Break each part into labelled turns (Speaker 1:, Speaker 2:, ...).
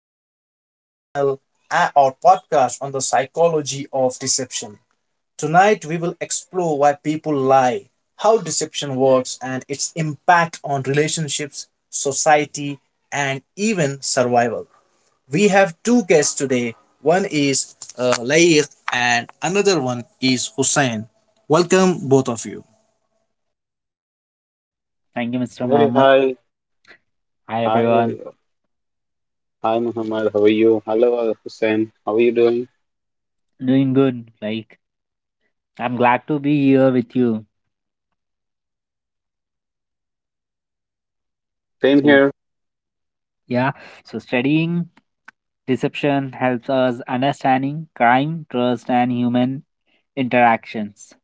Speaker 1: welcome to our panel, our podcast on the psychology of deception. Tonight, we will explore why people lie, how deception works, and its impact on relationships, society, and even survival. We have two guests today. One is Lair, and another one is Hussein. Welcome, both of you.
Speaker 2: Thank you, Mr.
Speaker 3: Hey,
Speaker 2: Mohammed.
Speaker 3: hi.
Speaker 2: Hi,
Speaker 3: Hi,
Speaker 2: everyone.
Speaker 3: hi, Muhammad. How are you? Hello, Hussein. How are you doing?
Speaker 2: Doing good. Like, I'm glad to be here with you.
Speaker 3: Same
Speaker 2: So,
Speaker 3: here.
Speaker 2: yeah, so studying deception helps us understanding crime, trust, and human interactions.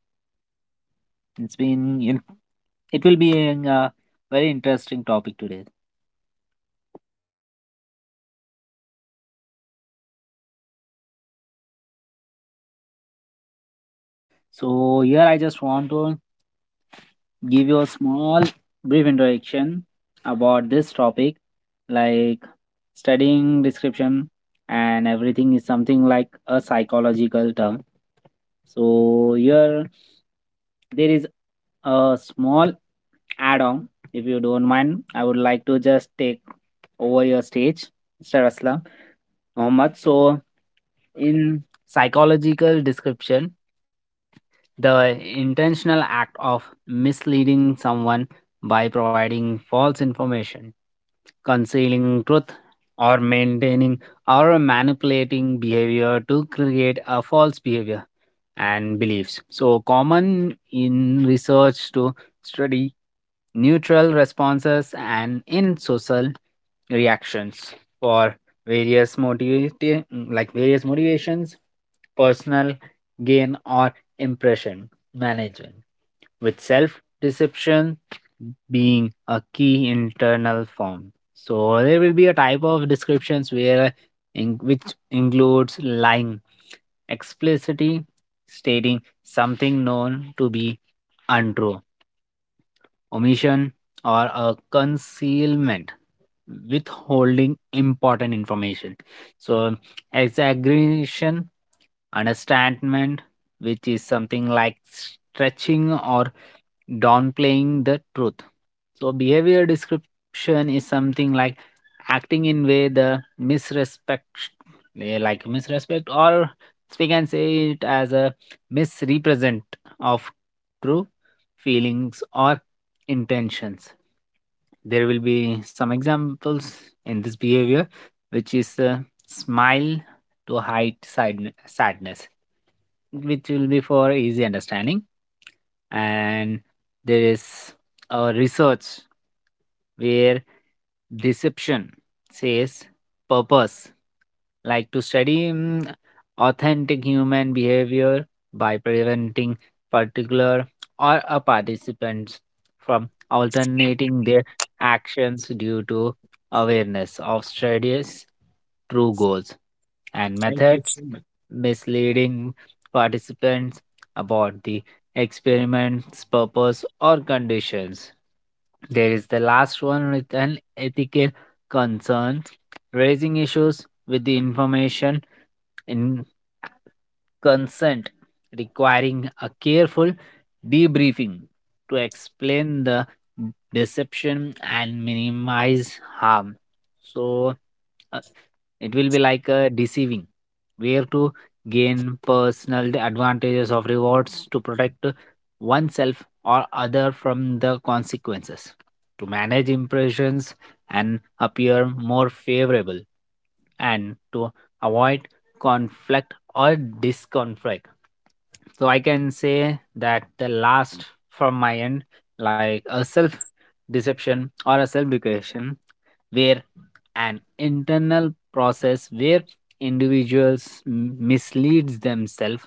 Speaker 2: It's been, in- it will be a very interesting topic today. So here, I just want to give you a small brief introduction about this topic, like studying description and everything is something like a psychological term. So here there is a small add-on. If you don't mind, I would like to just take over your stage, Mr. Aslam Mohammed. So in psychological description, the intentional act of misleading someone by providing false information, concealing truth, or maintaining or manipulating behavior to create a false behavior and beliefs. So, common in research to study neutral responses and in social reactions for like various motivations, personal gain or impression management, with self deception being a key internal form. So there will be a type of descriptions where in, which includes lying, explicitly stating something known to be untrue, omission or a concealment, withholding important information, so exaggeration, understatement, which is something like stretching or downplaying the truth. So behavior description is something like acting in way the misrespect, like misrespect, or we can say it as a misrepresent of true feelings or intentions. There will be some examples in this behavior, which is a smile to hide sadness, which will be for easy understanding. And there is a research where deception says purpose, like to study authentic human behavior by preventing particular or a participants from alternating their actions due to awareness of studies true goals and
Speaker 1: Thank you so
Speaker 2: methods,
Speaker 1: much.
Speaker 2: misleading participants about the experiment's purpose or conditions. There is the last one with an ethical concern, raising issues with the information in consent, requiring a careful debriefing to explain the deception and minimize harm. So, it will be like deceiving, where to gain personal advantages of rewards, to protect oneself or other from the consequences, to manage impressions and appear more favorable, and to avoid conflict or disconflict. So I can say that the last from my end, like a self deception or a self deception, where an internal process where individuals misleads themselves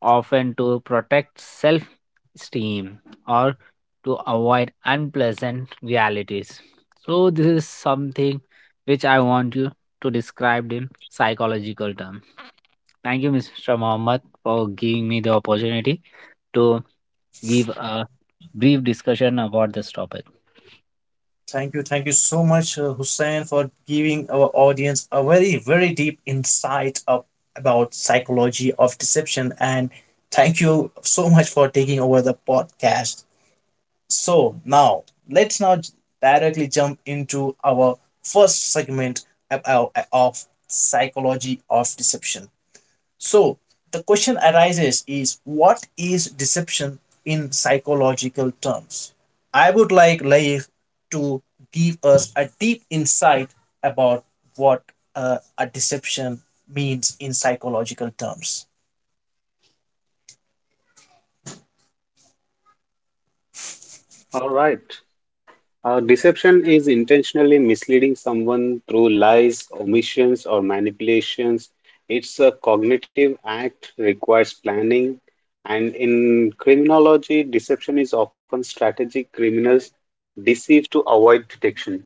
Speaker 2: often to protect self-esteem or to avoid unpleasant realities. So this is something which I want you to describe in psychological term. Thank you, Mr. Mohammed, for giving me the opportunity to give a brief discussion about this topic.
Speaker 1: Thank you so much, Hussein, for giving our audience a very deep insight of about psychology of deception, and thank you so much for taking over the podcast. So now let's now j- directly jump into our first segment about of psychology of deception. So the question arises is what is deception in psychological terms? I would like Laif to give us a deep insight about what a deception means in psychological terms.
Speaker 3: All right. Deception is intentionally misleading someone through lies, omissions, or manipulations. It's a cognitive act, requires planning. And in criminology, deception is often strategic. Criminals deceive to avoid detection.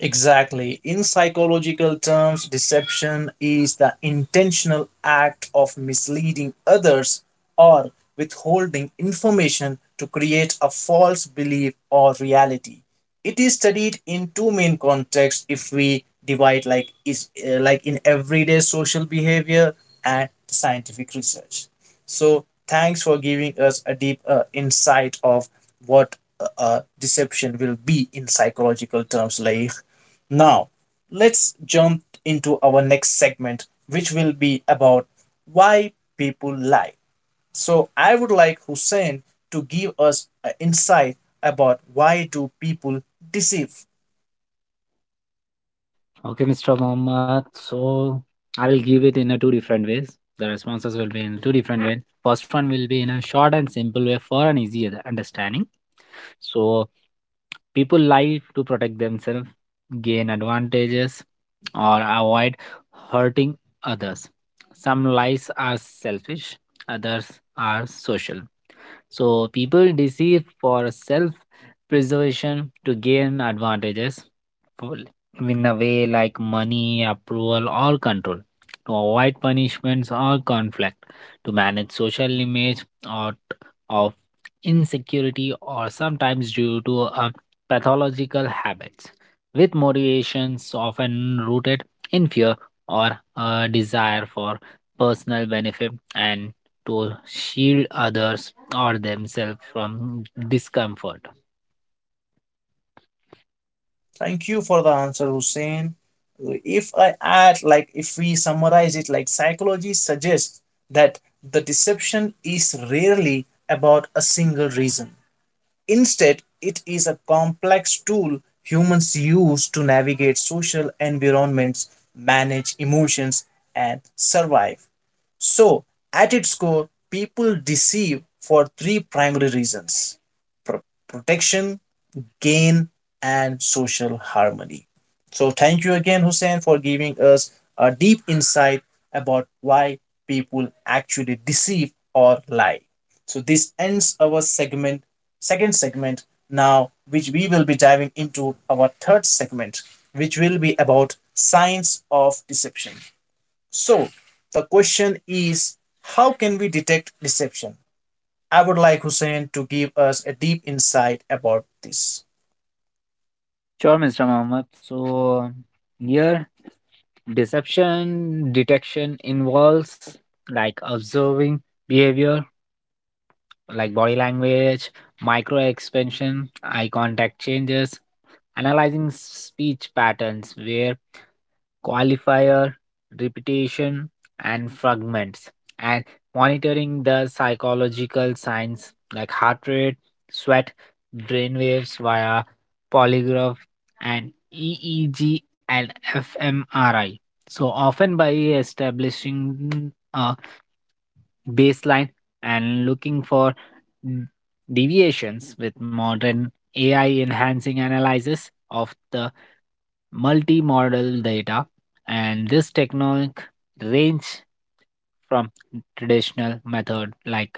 Speaker 1: Exactly. In psychological terms, deception is the intentional act of misleading others or withholding information to create a false belief or reality. It is studied in two main contexts if we divide like is like in everyday social behavior and scientific research. So, thanks for giving us a deep insight of what deception will be in psychological terms like now, let's jump into our next segment, which will be about why people lie. So, I would like Hussein to give us an insight about why do people deceive.
Speaker 2: Okay, Mr. Mohammed. So I'll give it in a two different ways. The responses will be in two different ways. First one will be in a short and simple way for an easy understanding. So people lie to protect themselves, gain advantages, or avoid hurting others. Some lies are selfish, others are social. So people deceive for self preservation, to gain advantages, full- in a way like money, approval, or control, to avoid punishments or conflict, to manage social image or of insecurity, or sometimes due to pathological habits, with motivations often rooted in fear or a desire for personal benefit and to shield others or themselves from discomfort.
Speaker 1: Thank you for the answer, Hussein. If I add, like, if we summarize it, like, psychology suggests that the deception is rarely about a single reason. Instead, it is a complex tool humans use to navigate social environments, manage emotions, and survive. So, at its core, people deceive for three primary reasons Pro- protection, gain and social harmony. So, thank you again, Hussein, for giving us a deep insight about why people actually deceive or lie. So, this ends our second segment now, which we will be diving into our third segment, which will be about signs of deception. So, the question is how can we detect deception? I would like Hussein to give us a deep insight about this.
Speaker 2: Sure, Mr. Mohammed. So, here, deception detection involves like observing behavior like body language, micro expansion, eye contact changes, analyzing speech patterns where qualifier, repetition, and fragments, and monitoring the psychological signs like heart rate, sweat, brain waves via polygraph and EEG and fMRI. So often by establishing a baseline and looking for n- deviations with modern AI enhancing analysis of the multimodal data. And this technique range from traditional method like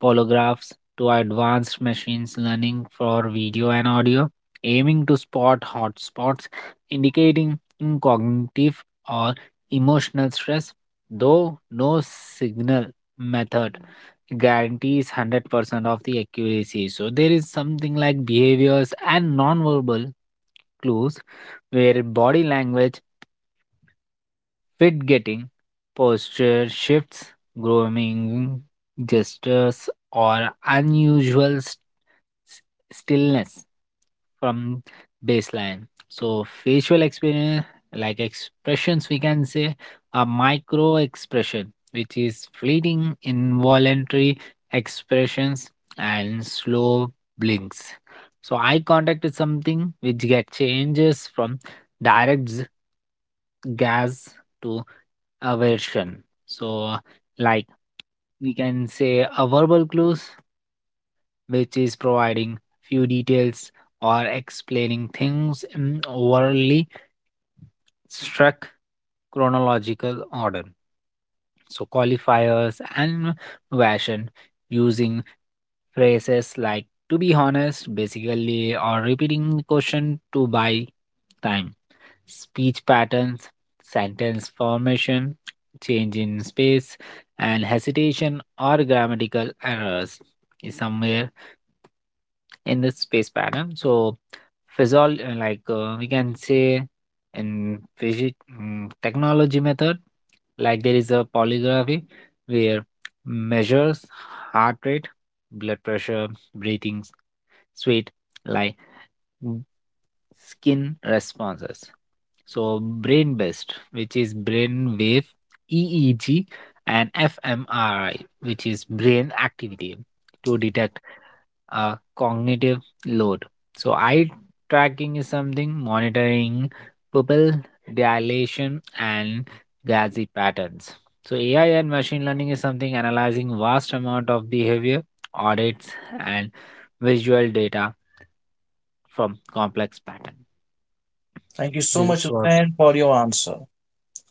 Speaker 2: polographs to advanced machines learning for video and audio, aiming to spot hotspots indicating cognitive or emotional stress, though no signal method guarantees 100% of the accuracy. So there is something like behaviors and nonverbal clues where body language fit getting, posture shifts, grooming gestures, or unusual s- stillness from baseline. So, facial experience, like expressions, we can say a micro expression, which is fleeting, involuntary expressions, and slow blinks. So, eye contact is something which get changes from direct gaze to aversion. So, like we can say a verbal clues, which is providing few details or explaining things in overly struck chronological order. So, qualifiers and version using phrases like to be honest, basically, or repeating the question to buy time. Speech patterns, sentence formation, change in space, and hesitation or grammatical errors is somewhere in this space pattern. So, physiol like we can say in physic technology method, like there is a polygraphy where measures heart rate, blood pressure, breathing, sweat, like mm, skin responses. So brain based, which is brain wave, EEG, and fMRI, which is brain activity, to detect cognitive load. So, eye tracking is something monitoring pupil dilation and gaze patterns. So, AI and machine learning is something analyzing vast amount of behavior, audits, and visual data from complex pattern.
Speaker 1: Thank you so
Speaker 2: This
Speaker 1: much,
Speaker 2: is what.
Speaker 1: Hussein, for your answer.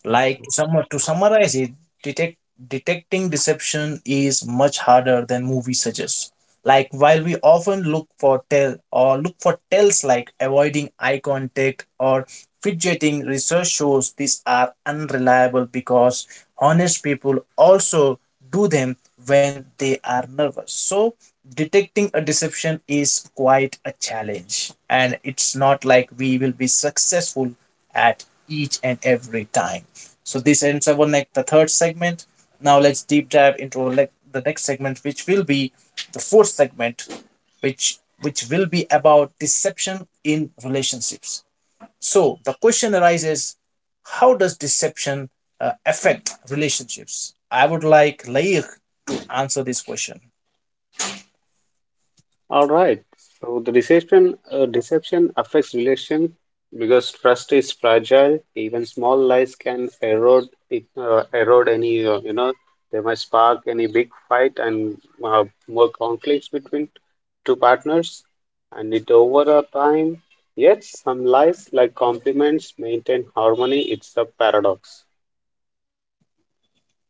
Speaker 1: Like
Speaker 2: Okay.
Speaker 1: summarize it, detect detecting deception is much harder than movies suggest. Like while we often look for tells like avoiding eye contact or fidgeting, research shows these are unreliable because honest people also do them when they are nervous. So detecting a deception is quite a challenge and it's not like we will be successful at each and every time. So this ends up on like the third segment. Now let's deep dive into like the next segment, which will be the fourth segment, which will be about deception in relationships. So the question arises: how does deception affect relationships? I would like Laik to answer this question.
Speaker 3: All right. So the deception affects relation because trust is fragile. Even small lies can erode erode any they might spark any big fight and more conflicts between two partners. And it over a time. Yet some lies like compliments maintain harmony. It's a paradox.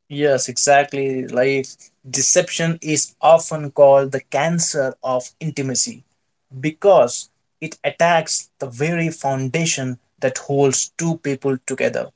Speaker 1: Yes, exactly. Like deception is often called the cancer of intimacy because it attacks the very foundation that holds two people together.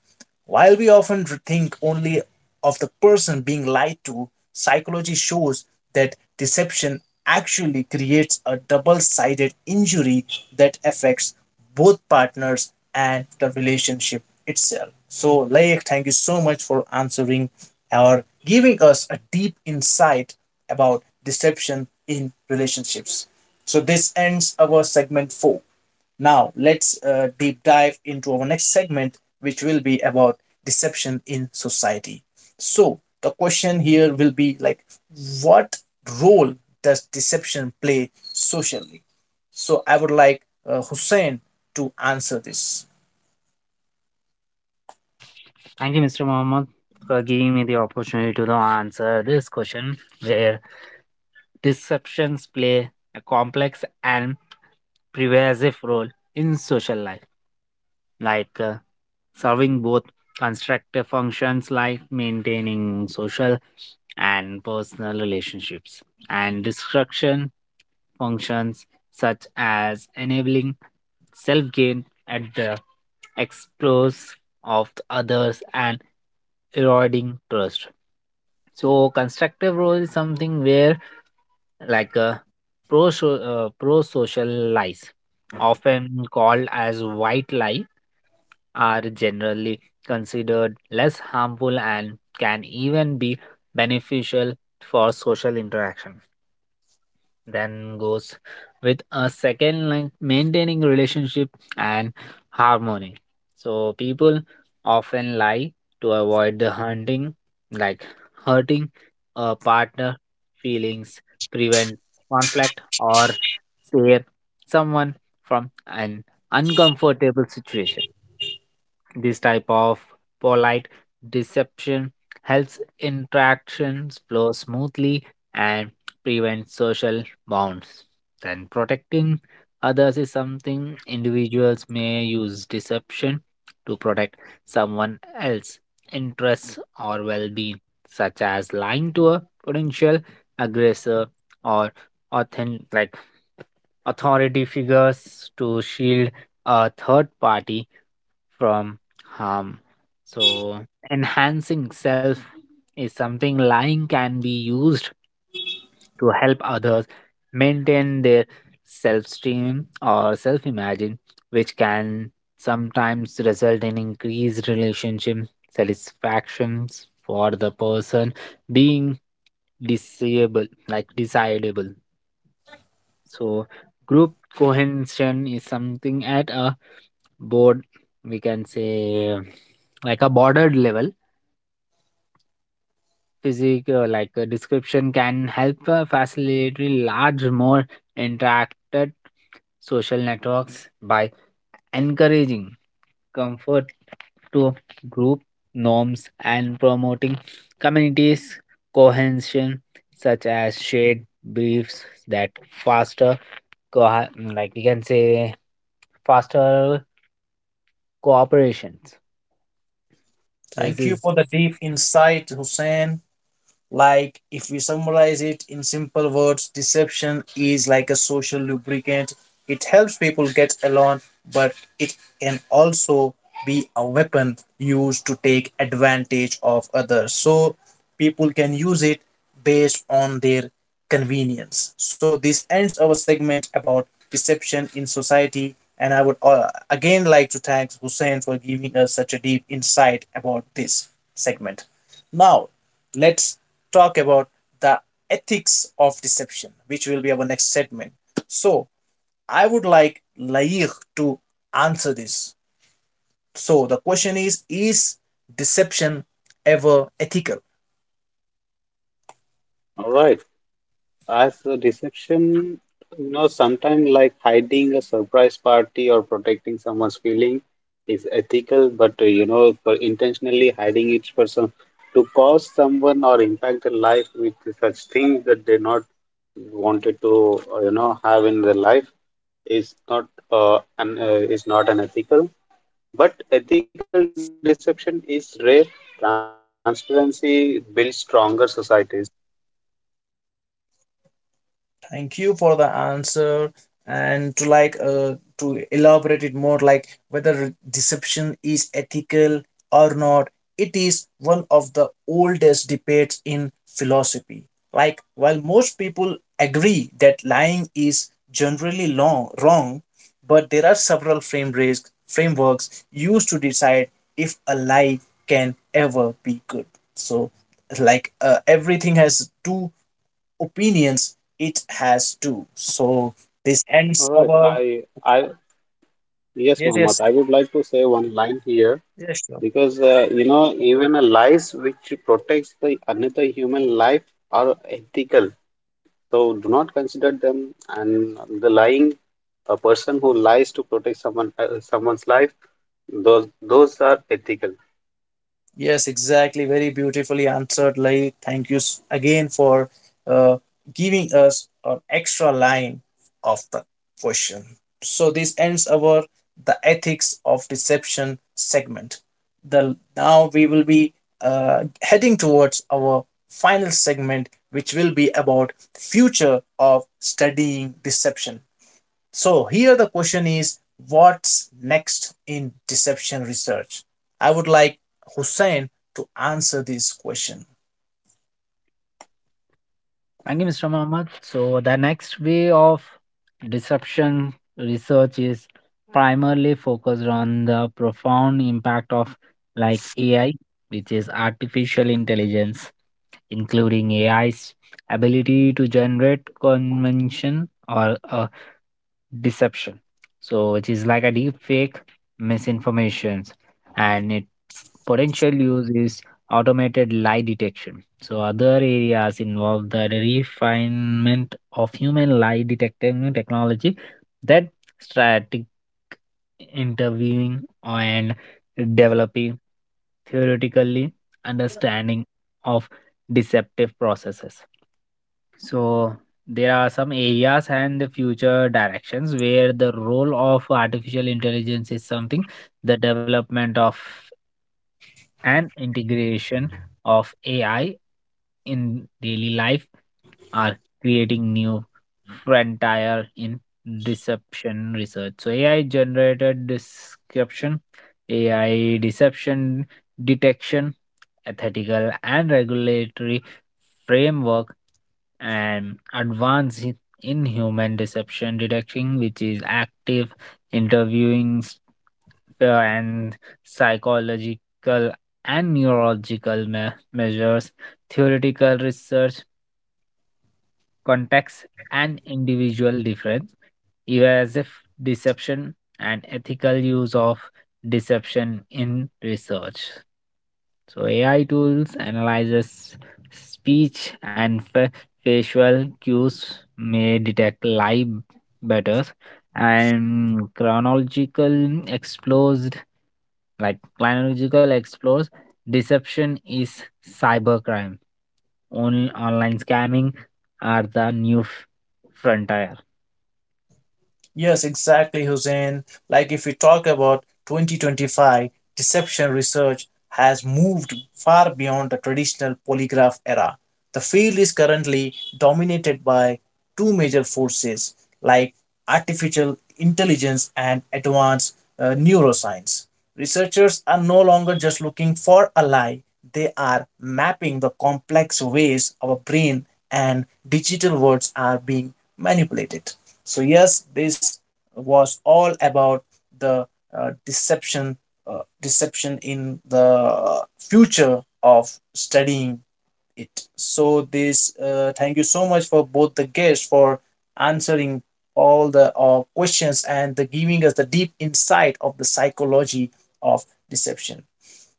Speaker 1: While we often think only of the person being lied to, psychology shows that deception actually creates a double sided injury that affects both partners and the relationship itself. So, Layak, thank you so much for answering or giving us a deep insight about deception in relationships. So, this ends our segment four. Now, let's deep dive into our next segment, which will be about deception in society. So, the question here will be like, what role does deception play socially? So, I would like Hussein to answer this.
Speaker 2: Thank you, Mr. Mohammed, for giving me the opportunity to now answer this question where deceptions play a complex and pervasive role in social life, like serving both constructive functions like maintaining social and personal relationships, and destruction functions such as enabling self gain at the expense of the others and eroding trust. So, constructive role is something where like pro social lies often called as white lie are generally considered less harmful and can even be beneficial for social interaction, then goes with a second line maintaining relationship and harmony. So people often lie to avoid the hunting, like hurting a partner feelings, prevent conflict or tear someone from an uncomfortable situation. This type of polite deception helps interactions flow smoothly and prevents social bonds. Then, protecting others is something individuals may use deception to protect someone else's interests or well being, such as lying to a potential aggressor or like authority figures to shield a third party from harm. So, enhancing self is something lying can be used to help others maintain their self esteem or self image, which can sometimes result in increased relationship satisfactions for the person being disable like desirable. So group cohesion is something at a board, we can say like a bordered level physique, like a description can help facilitate large more interacted social networks by encouraging comfort to group norms and promoting communities cohesion such as shared briefs that faster co- like we can say faster cooperations. This
Speaker 1: Thank you
Speaker 2: is
Speaker 1: for the deep insight, Hussein. Like, if we summarize it in simple words, deception is like a social lubricant. It helps people get along, but it can also be a weapon used to take advantage of others. So, people can use it based on their convenience. So, this ends our segment about deception in society. And I would again like to thank Hussein for giving us such a deep insight about this segment. Now, let's talk about the ethics of deception, which will be our next segment. So, I would like Lair to answer this. So, the question is: is deception ever ethical?
Speaker 3: All right. As a deception, sometimes like hiding a surprise party or protecting someone's feeling is ethical, but for intentionally hiding it for some to cause someone or impact their life with such things that they not wanted to, have in their life is not is not unethical. But ethical deception is rare. Transparency builds stronger societies.
Speaker 1: Thank you for the answer. And to to elaborate it more, like whether deception is ethical or not, it is one of the oldest debates in philosophy. Like while most people agree that lying is wrong, but there are several frameworks used to decide if a lie can ever be good. So like everything has two opinions it has too. So this ends
Speaker 3: All right.
Speaker 1: our
Speaker 3: I Yes,
Speaker 1: yes, yes,
Speaker 3: Muhammad, I would like to say one line here
Speaker 1: yes, sure.
Speaker 3: because even a lies which protects the another human life are ethical. So do not consider them. And the lying, a person who lies to protect someone's life, those are ethical.
Speaker 1: Yes, exactly. Very beautifully answered, Lai. Again for uh, giving us an extra line of the question. So this ends our the ethics of deception segment. The now we will be heading towards our final segment, which will be about future of studying deception. So here the question is what's next in deception research? I would like Hussein to answer this question.
Speaker 2: Thank you, Mr. Mohammed. So, the next way of disruption research is primarily focused on the profound impact of like AI, which is artificial intelligence, including AI's ability to generate convention or deception, so which is like a deep fake misinformations and its potential use is automated lie detection. So other areas involve the refinement of human lie detecting technology, that strategic interviewing and developing theoretically understanding of deceptive processes. So there are some areas and the future directions where the role of artificial intelligence is something the development of and integration of AI in daily life are creating new frontier in deception research. So AI generated description, AI deception detection, ethical and regulatory framework and advance in human deception detection, which is active interviewing and psychological and neurological measures, theoretical research context and individual difference, even as if deception and ethical use of deception in research. So AI tools analyzes speech and facial cues may detect lie better and chronological explores like chronological explores deception is cybercrime only online scamming are the new frontier.
Speaker 1: Yes, exactly, Hussein. Like if we talk about 2025, deception research has moved far beyond the traditional polygraph era. The field is currently dominated by two major forces like artificial intelligence and advanced neuroscience. Researchers are no longer just looking for a lie, they are mapping the complex ways our brain and digital worlds are being manipulated. So, yes, this was all about the uh, deception, deception in the future of studying it. So, this thank you so much for both the guests for answering all the questions and the giving us the deep insight of the psychology of deception.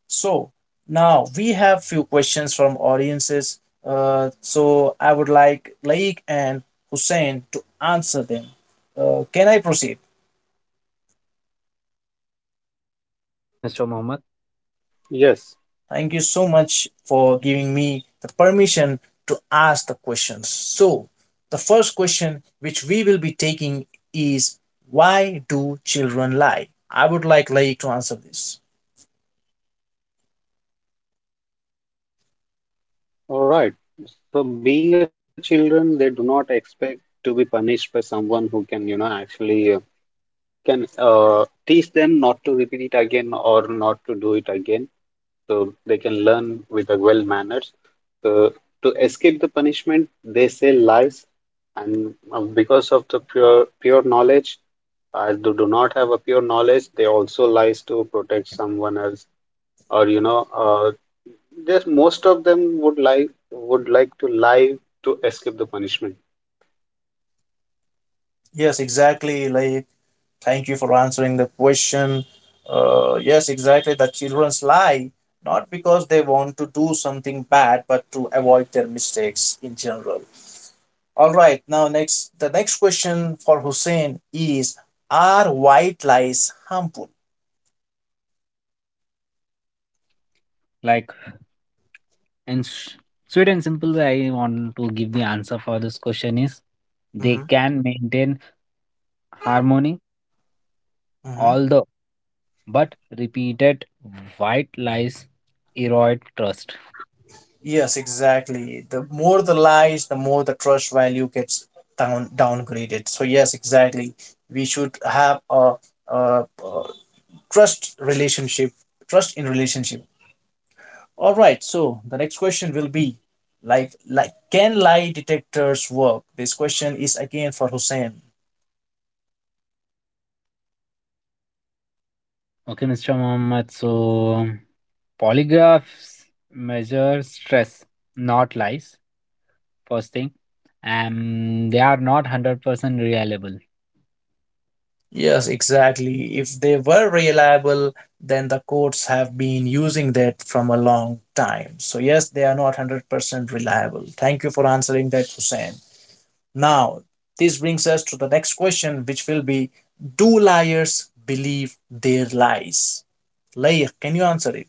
Speaker 1: So now we have few questions from audiences. So I would like Laik and Hussein to answer them. Can I proceed?
Speaker 2: Yes, Mr. Mohammed.
Speaker 3: Yes,
Speaker 1: Thank you so much for giving me the permission to ask the questions. So the first question which we will be taking is why do children lie? I would like Laik to answer this.
Speaker 3: all right. So being a children, they do not expect to be punished by someone who can actually can teach them not to repeat it again or not to do it again so they can learn with the well manners. So to escape the punishment, they say lies, and because of the pure knowledge, as they do not have a pure knowledge, they also lies to protect someone else, or just most of them would like to lie to escape the punishment.
Speaker 1: Yes, exactly, Laik. Thank you for answering the question. Yes, exactly. That childrens lie not because they want to do something bad, but to avoid their mistakes in general. All right. Now, next, the next question for Hussein is: are white lies harmful?
Speaker 2: Mm, Like, and sweet and simple way I want to give the answer for this question is they
Speaker 1: Hmm.
Speaker 2: can maintain harmony,
Speaker 1: Hmm.
Speaker 2: although, but repeated white lies erode trust.
Speaker 1: Yes, exactly. The more the lies, the more the trust value gets downgraded. So yes, exactly. We should have a trust relationship, trust in relationship. All right, so the next question will be like can lie detectors work? This question is again for Hussein.
Speaker 2: Okay, Mr. Mohammed. So, polygraphs measure stress, not lies. First thing, and they are not 100% reliable.
Speaker 1: Yes, exactly. If they were reliable, then the courts have been using that from a long time. So yes, they are not 100% reliable. Thank you for answering that, Hussein. Now, this brings us to the next question which will be do liars believe their lies? Layla, can you answer it?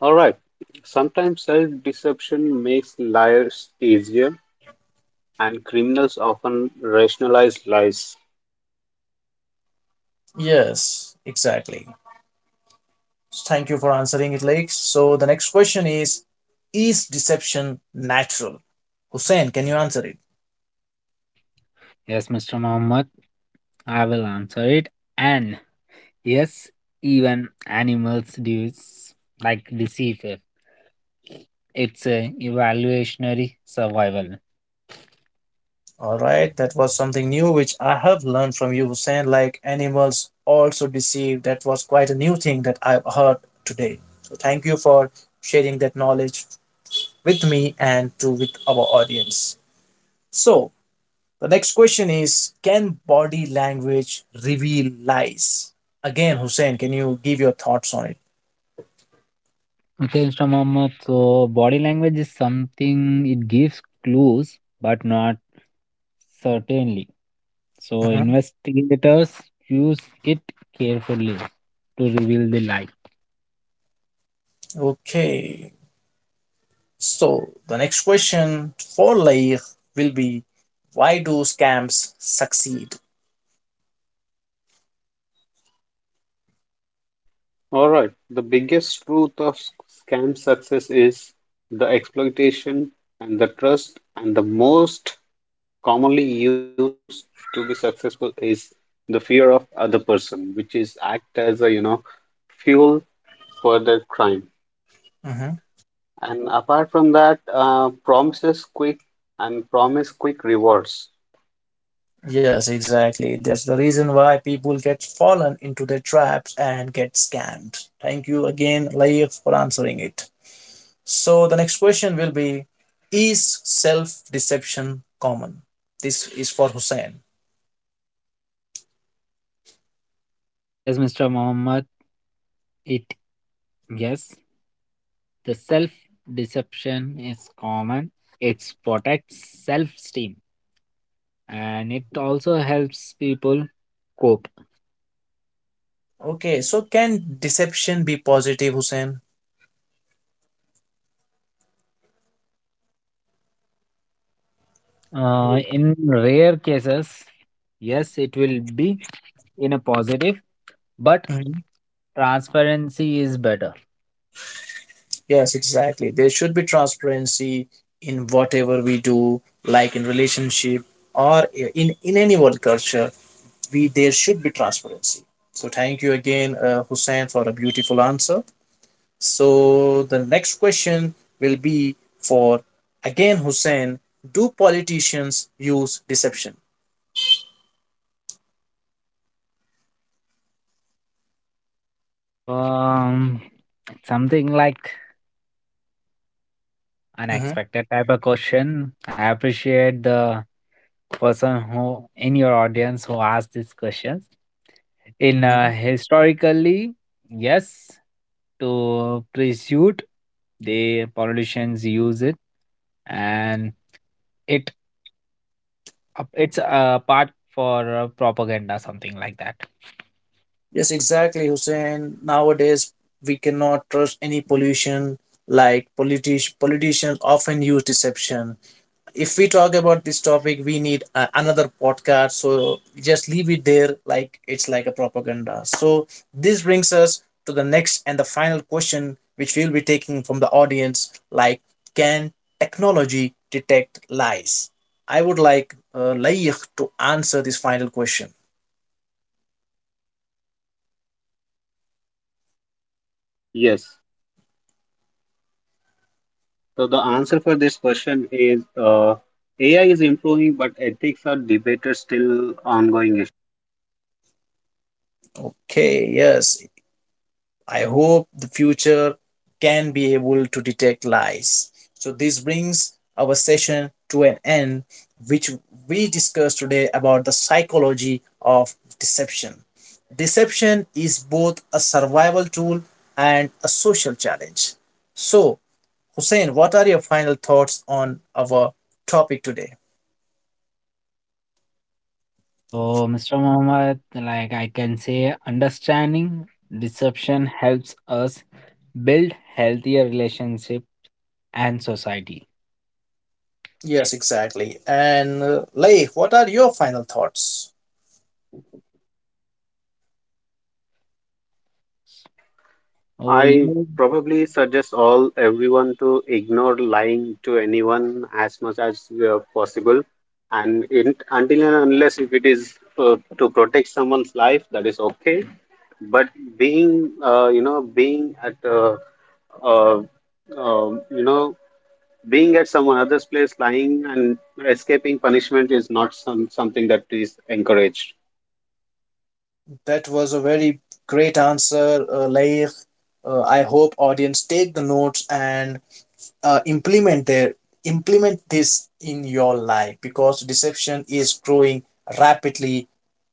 Speaker 3: All right. Sometimes self-deception makes liars easier, and criminals often rationalize lies.
Speaker 1: Yes, exactly. Thank you for answering it, Lakes. So the next question is: is deception natural? Hussein, can you answer it?
Speaker 2: Yes, Mr. Mohammed, I will answer it. And yes, even animals do like deceive. It. It's a evaluationary survival.
Speaker 1: All right, that was something new which I have learned from you, Hussein. Like animals also deceive. That was quite a new thing that I've heard today. So thank you for sharing that knowledge with me and to with our audience. So the next question is: can body language reveal lies? Again, Hussein, can you give your thoughts on it?
Speaker 2: Okay, Mr. Mohammed. So body language is something it gives clues, but not certainly. So
Speaker 1: Mhm.
Speaker 2: investigators use it carefully to reveal the lie.
Speaker 1: Okay. So the next question for Lair will be why do scams succeed?
Speaker 3: All right. The biggest truth of scam success is the exploitation and the trust, and the most commonly used to be successful is the fear of other person, which is act as a fuel for their crime.
Speaker 1: Mhm.
Speaker 3: And apart from that, promises quick and promise quick rewards.
Speaker 1: Yes, exactly. That's the reason why people get fallen into their traps and get scammed. Thank you again, Lair, for answering it. So the next question will be: is self deception common? This is for Hussein.
Speaker 2: Yes, Mr. Mohammed. It yes. The self deception is common. It protects self esteem and it also helps people cope.
Speaker 1: Okay, so can deception be positive, Hussein?
Speaker 2: In rare cases, yes, it will be in a positive, but transparency is better.
Speaker 1: Yes, exactly. There should be transparency in whatever we do, like in relationship or in any world culture. We there should be transparency. So thank you again, Hussein, for a beautiful answer. So the next question will be for again Hussein. Do politicians use deception?
Speaker 2: Um, Something like
Speaker 1: Mhm,
Speaker 2: unexpected type of question. I appreciate the person who in your audience who asked these questions. In
Speaker 1: mhm.
Speaker 2: historically, yes, to pursuit the politicians use it and it it's a part for propaganda something like that.
Speaker 1: Yes, exactly, Hussein. Nowadays, we cannot trust any pollution. Like politicians often use deception. If we talk about this topic we need another podcast so just leave it there like it's like a propaganda. So this brings us to the next and the final question which we'll be taking from the audience, like can technology detect lies? I would like Layikh to answer this final question.
Speaker 3: Yes. So the answer for this question is AI is improving, but ethics are debated still ongoing.
Speaker 1: Okay, yes, I hope the future can be able to detect lies. So, this brings our session to an end, which we discussed today about the psychology of deception. Deception is both a survival tool and a social challenge. So, Hussein, what are your final thoughts on our topic today?
Speaker 2: So Mr. Muhammad, like I can say understanding deception helps us build healthier relationship and society.
Speaker 1: Yes, exactly. And Leif, what are your final thoughts?
Speaker 2: Oh
Speaker 3: I
Speaker 2: you
Speaker 3: probably suggest all everyone to ignore lying to anyone as much as possible, and in, until and unless if it is to protect someone's life, that is okay. But being, you know, being at, uh, you know, being at someone other's place, lying and escaping punishment is not some, something that is encouraged.
Speaker 1: That was a very great answer, Laik. I hope audience take the notes and uh, implement their implement this in your life because deception is growing rapidly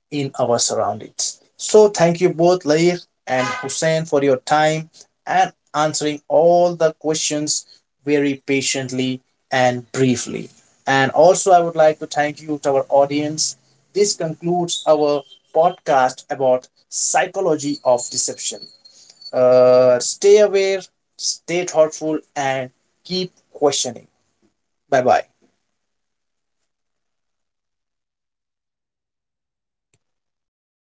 Speaker 1: in our surroundings. So thank you both Lair and Hussein for your time and answering all the questions very patiently and briefly. And also I would like to thank you to our audience. This concludes our podcast about psychology of deception. Stay aware, stay thoughtful and keep questioning. Bye bye.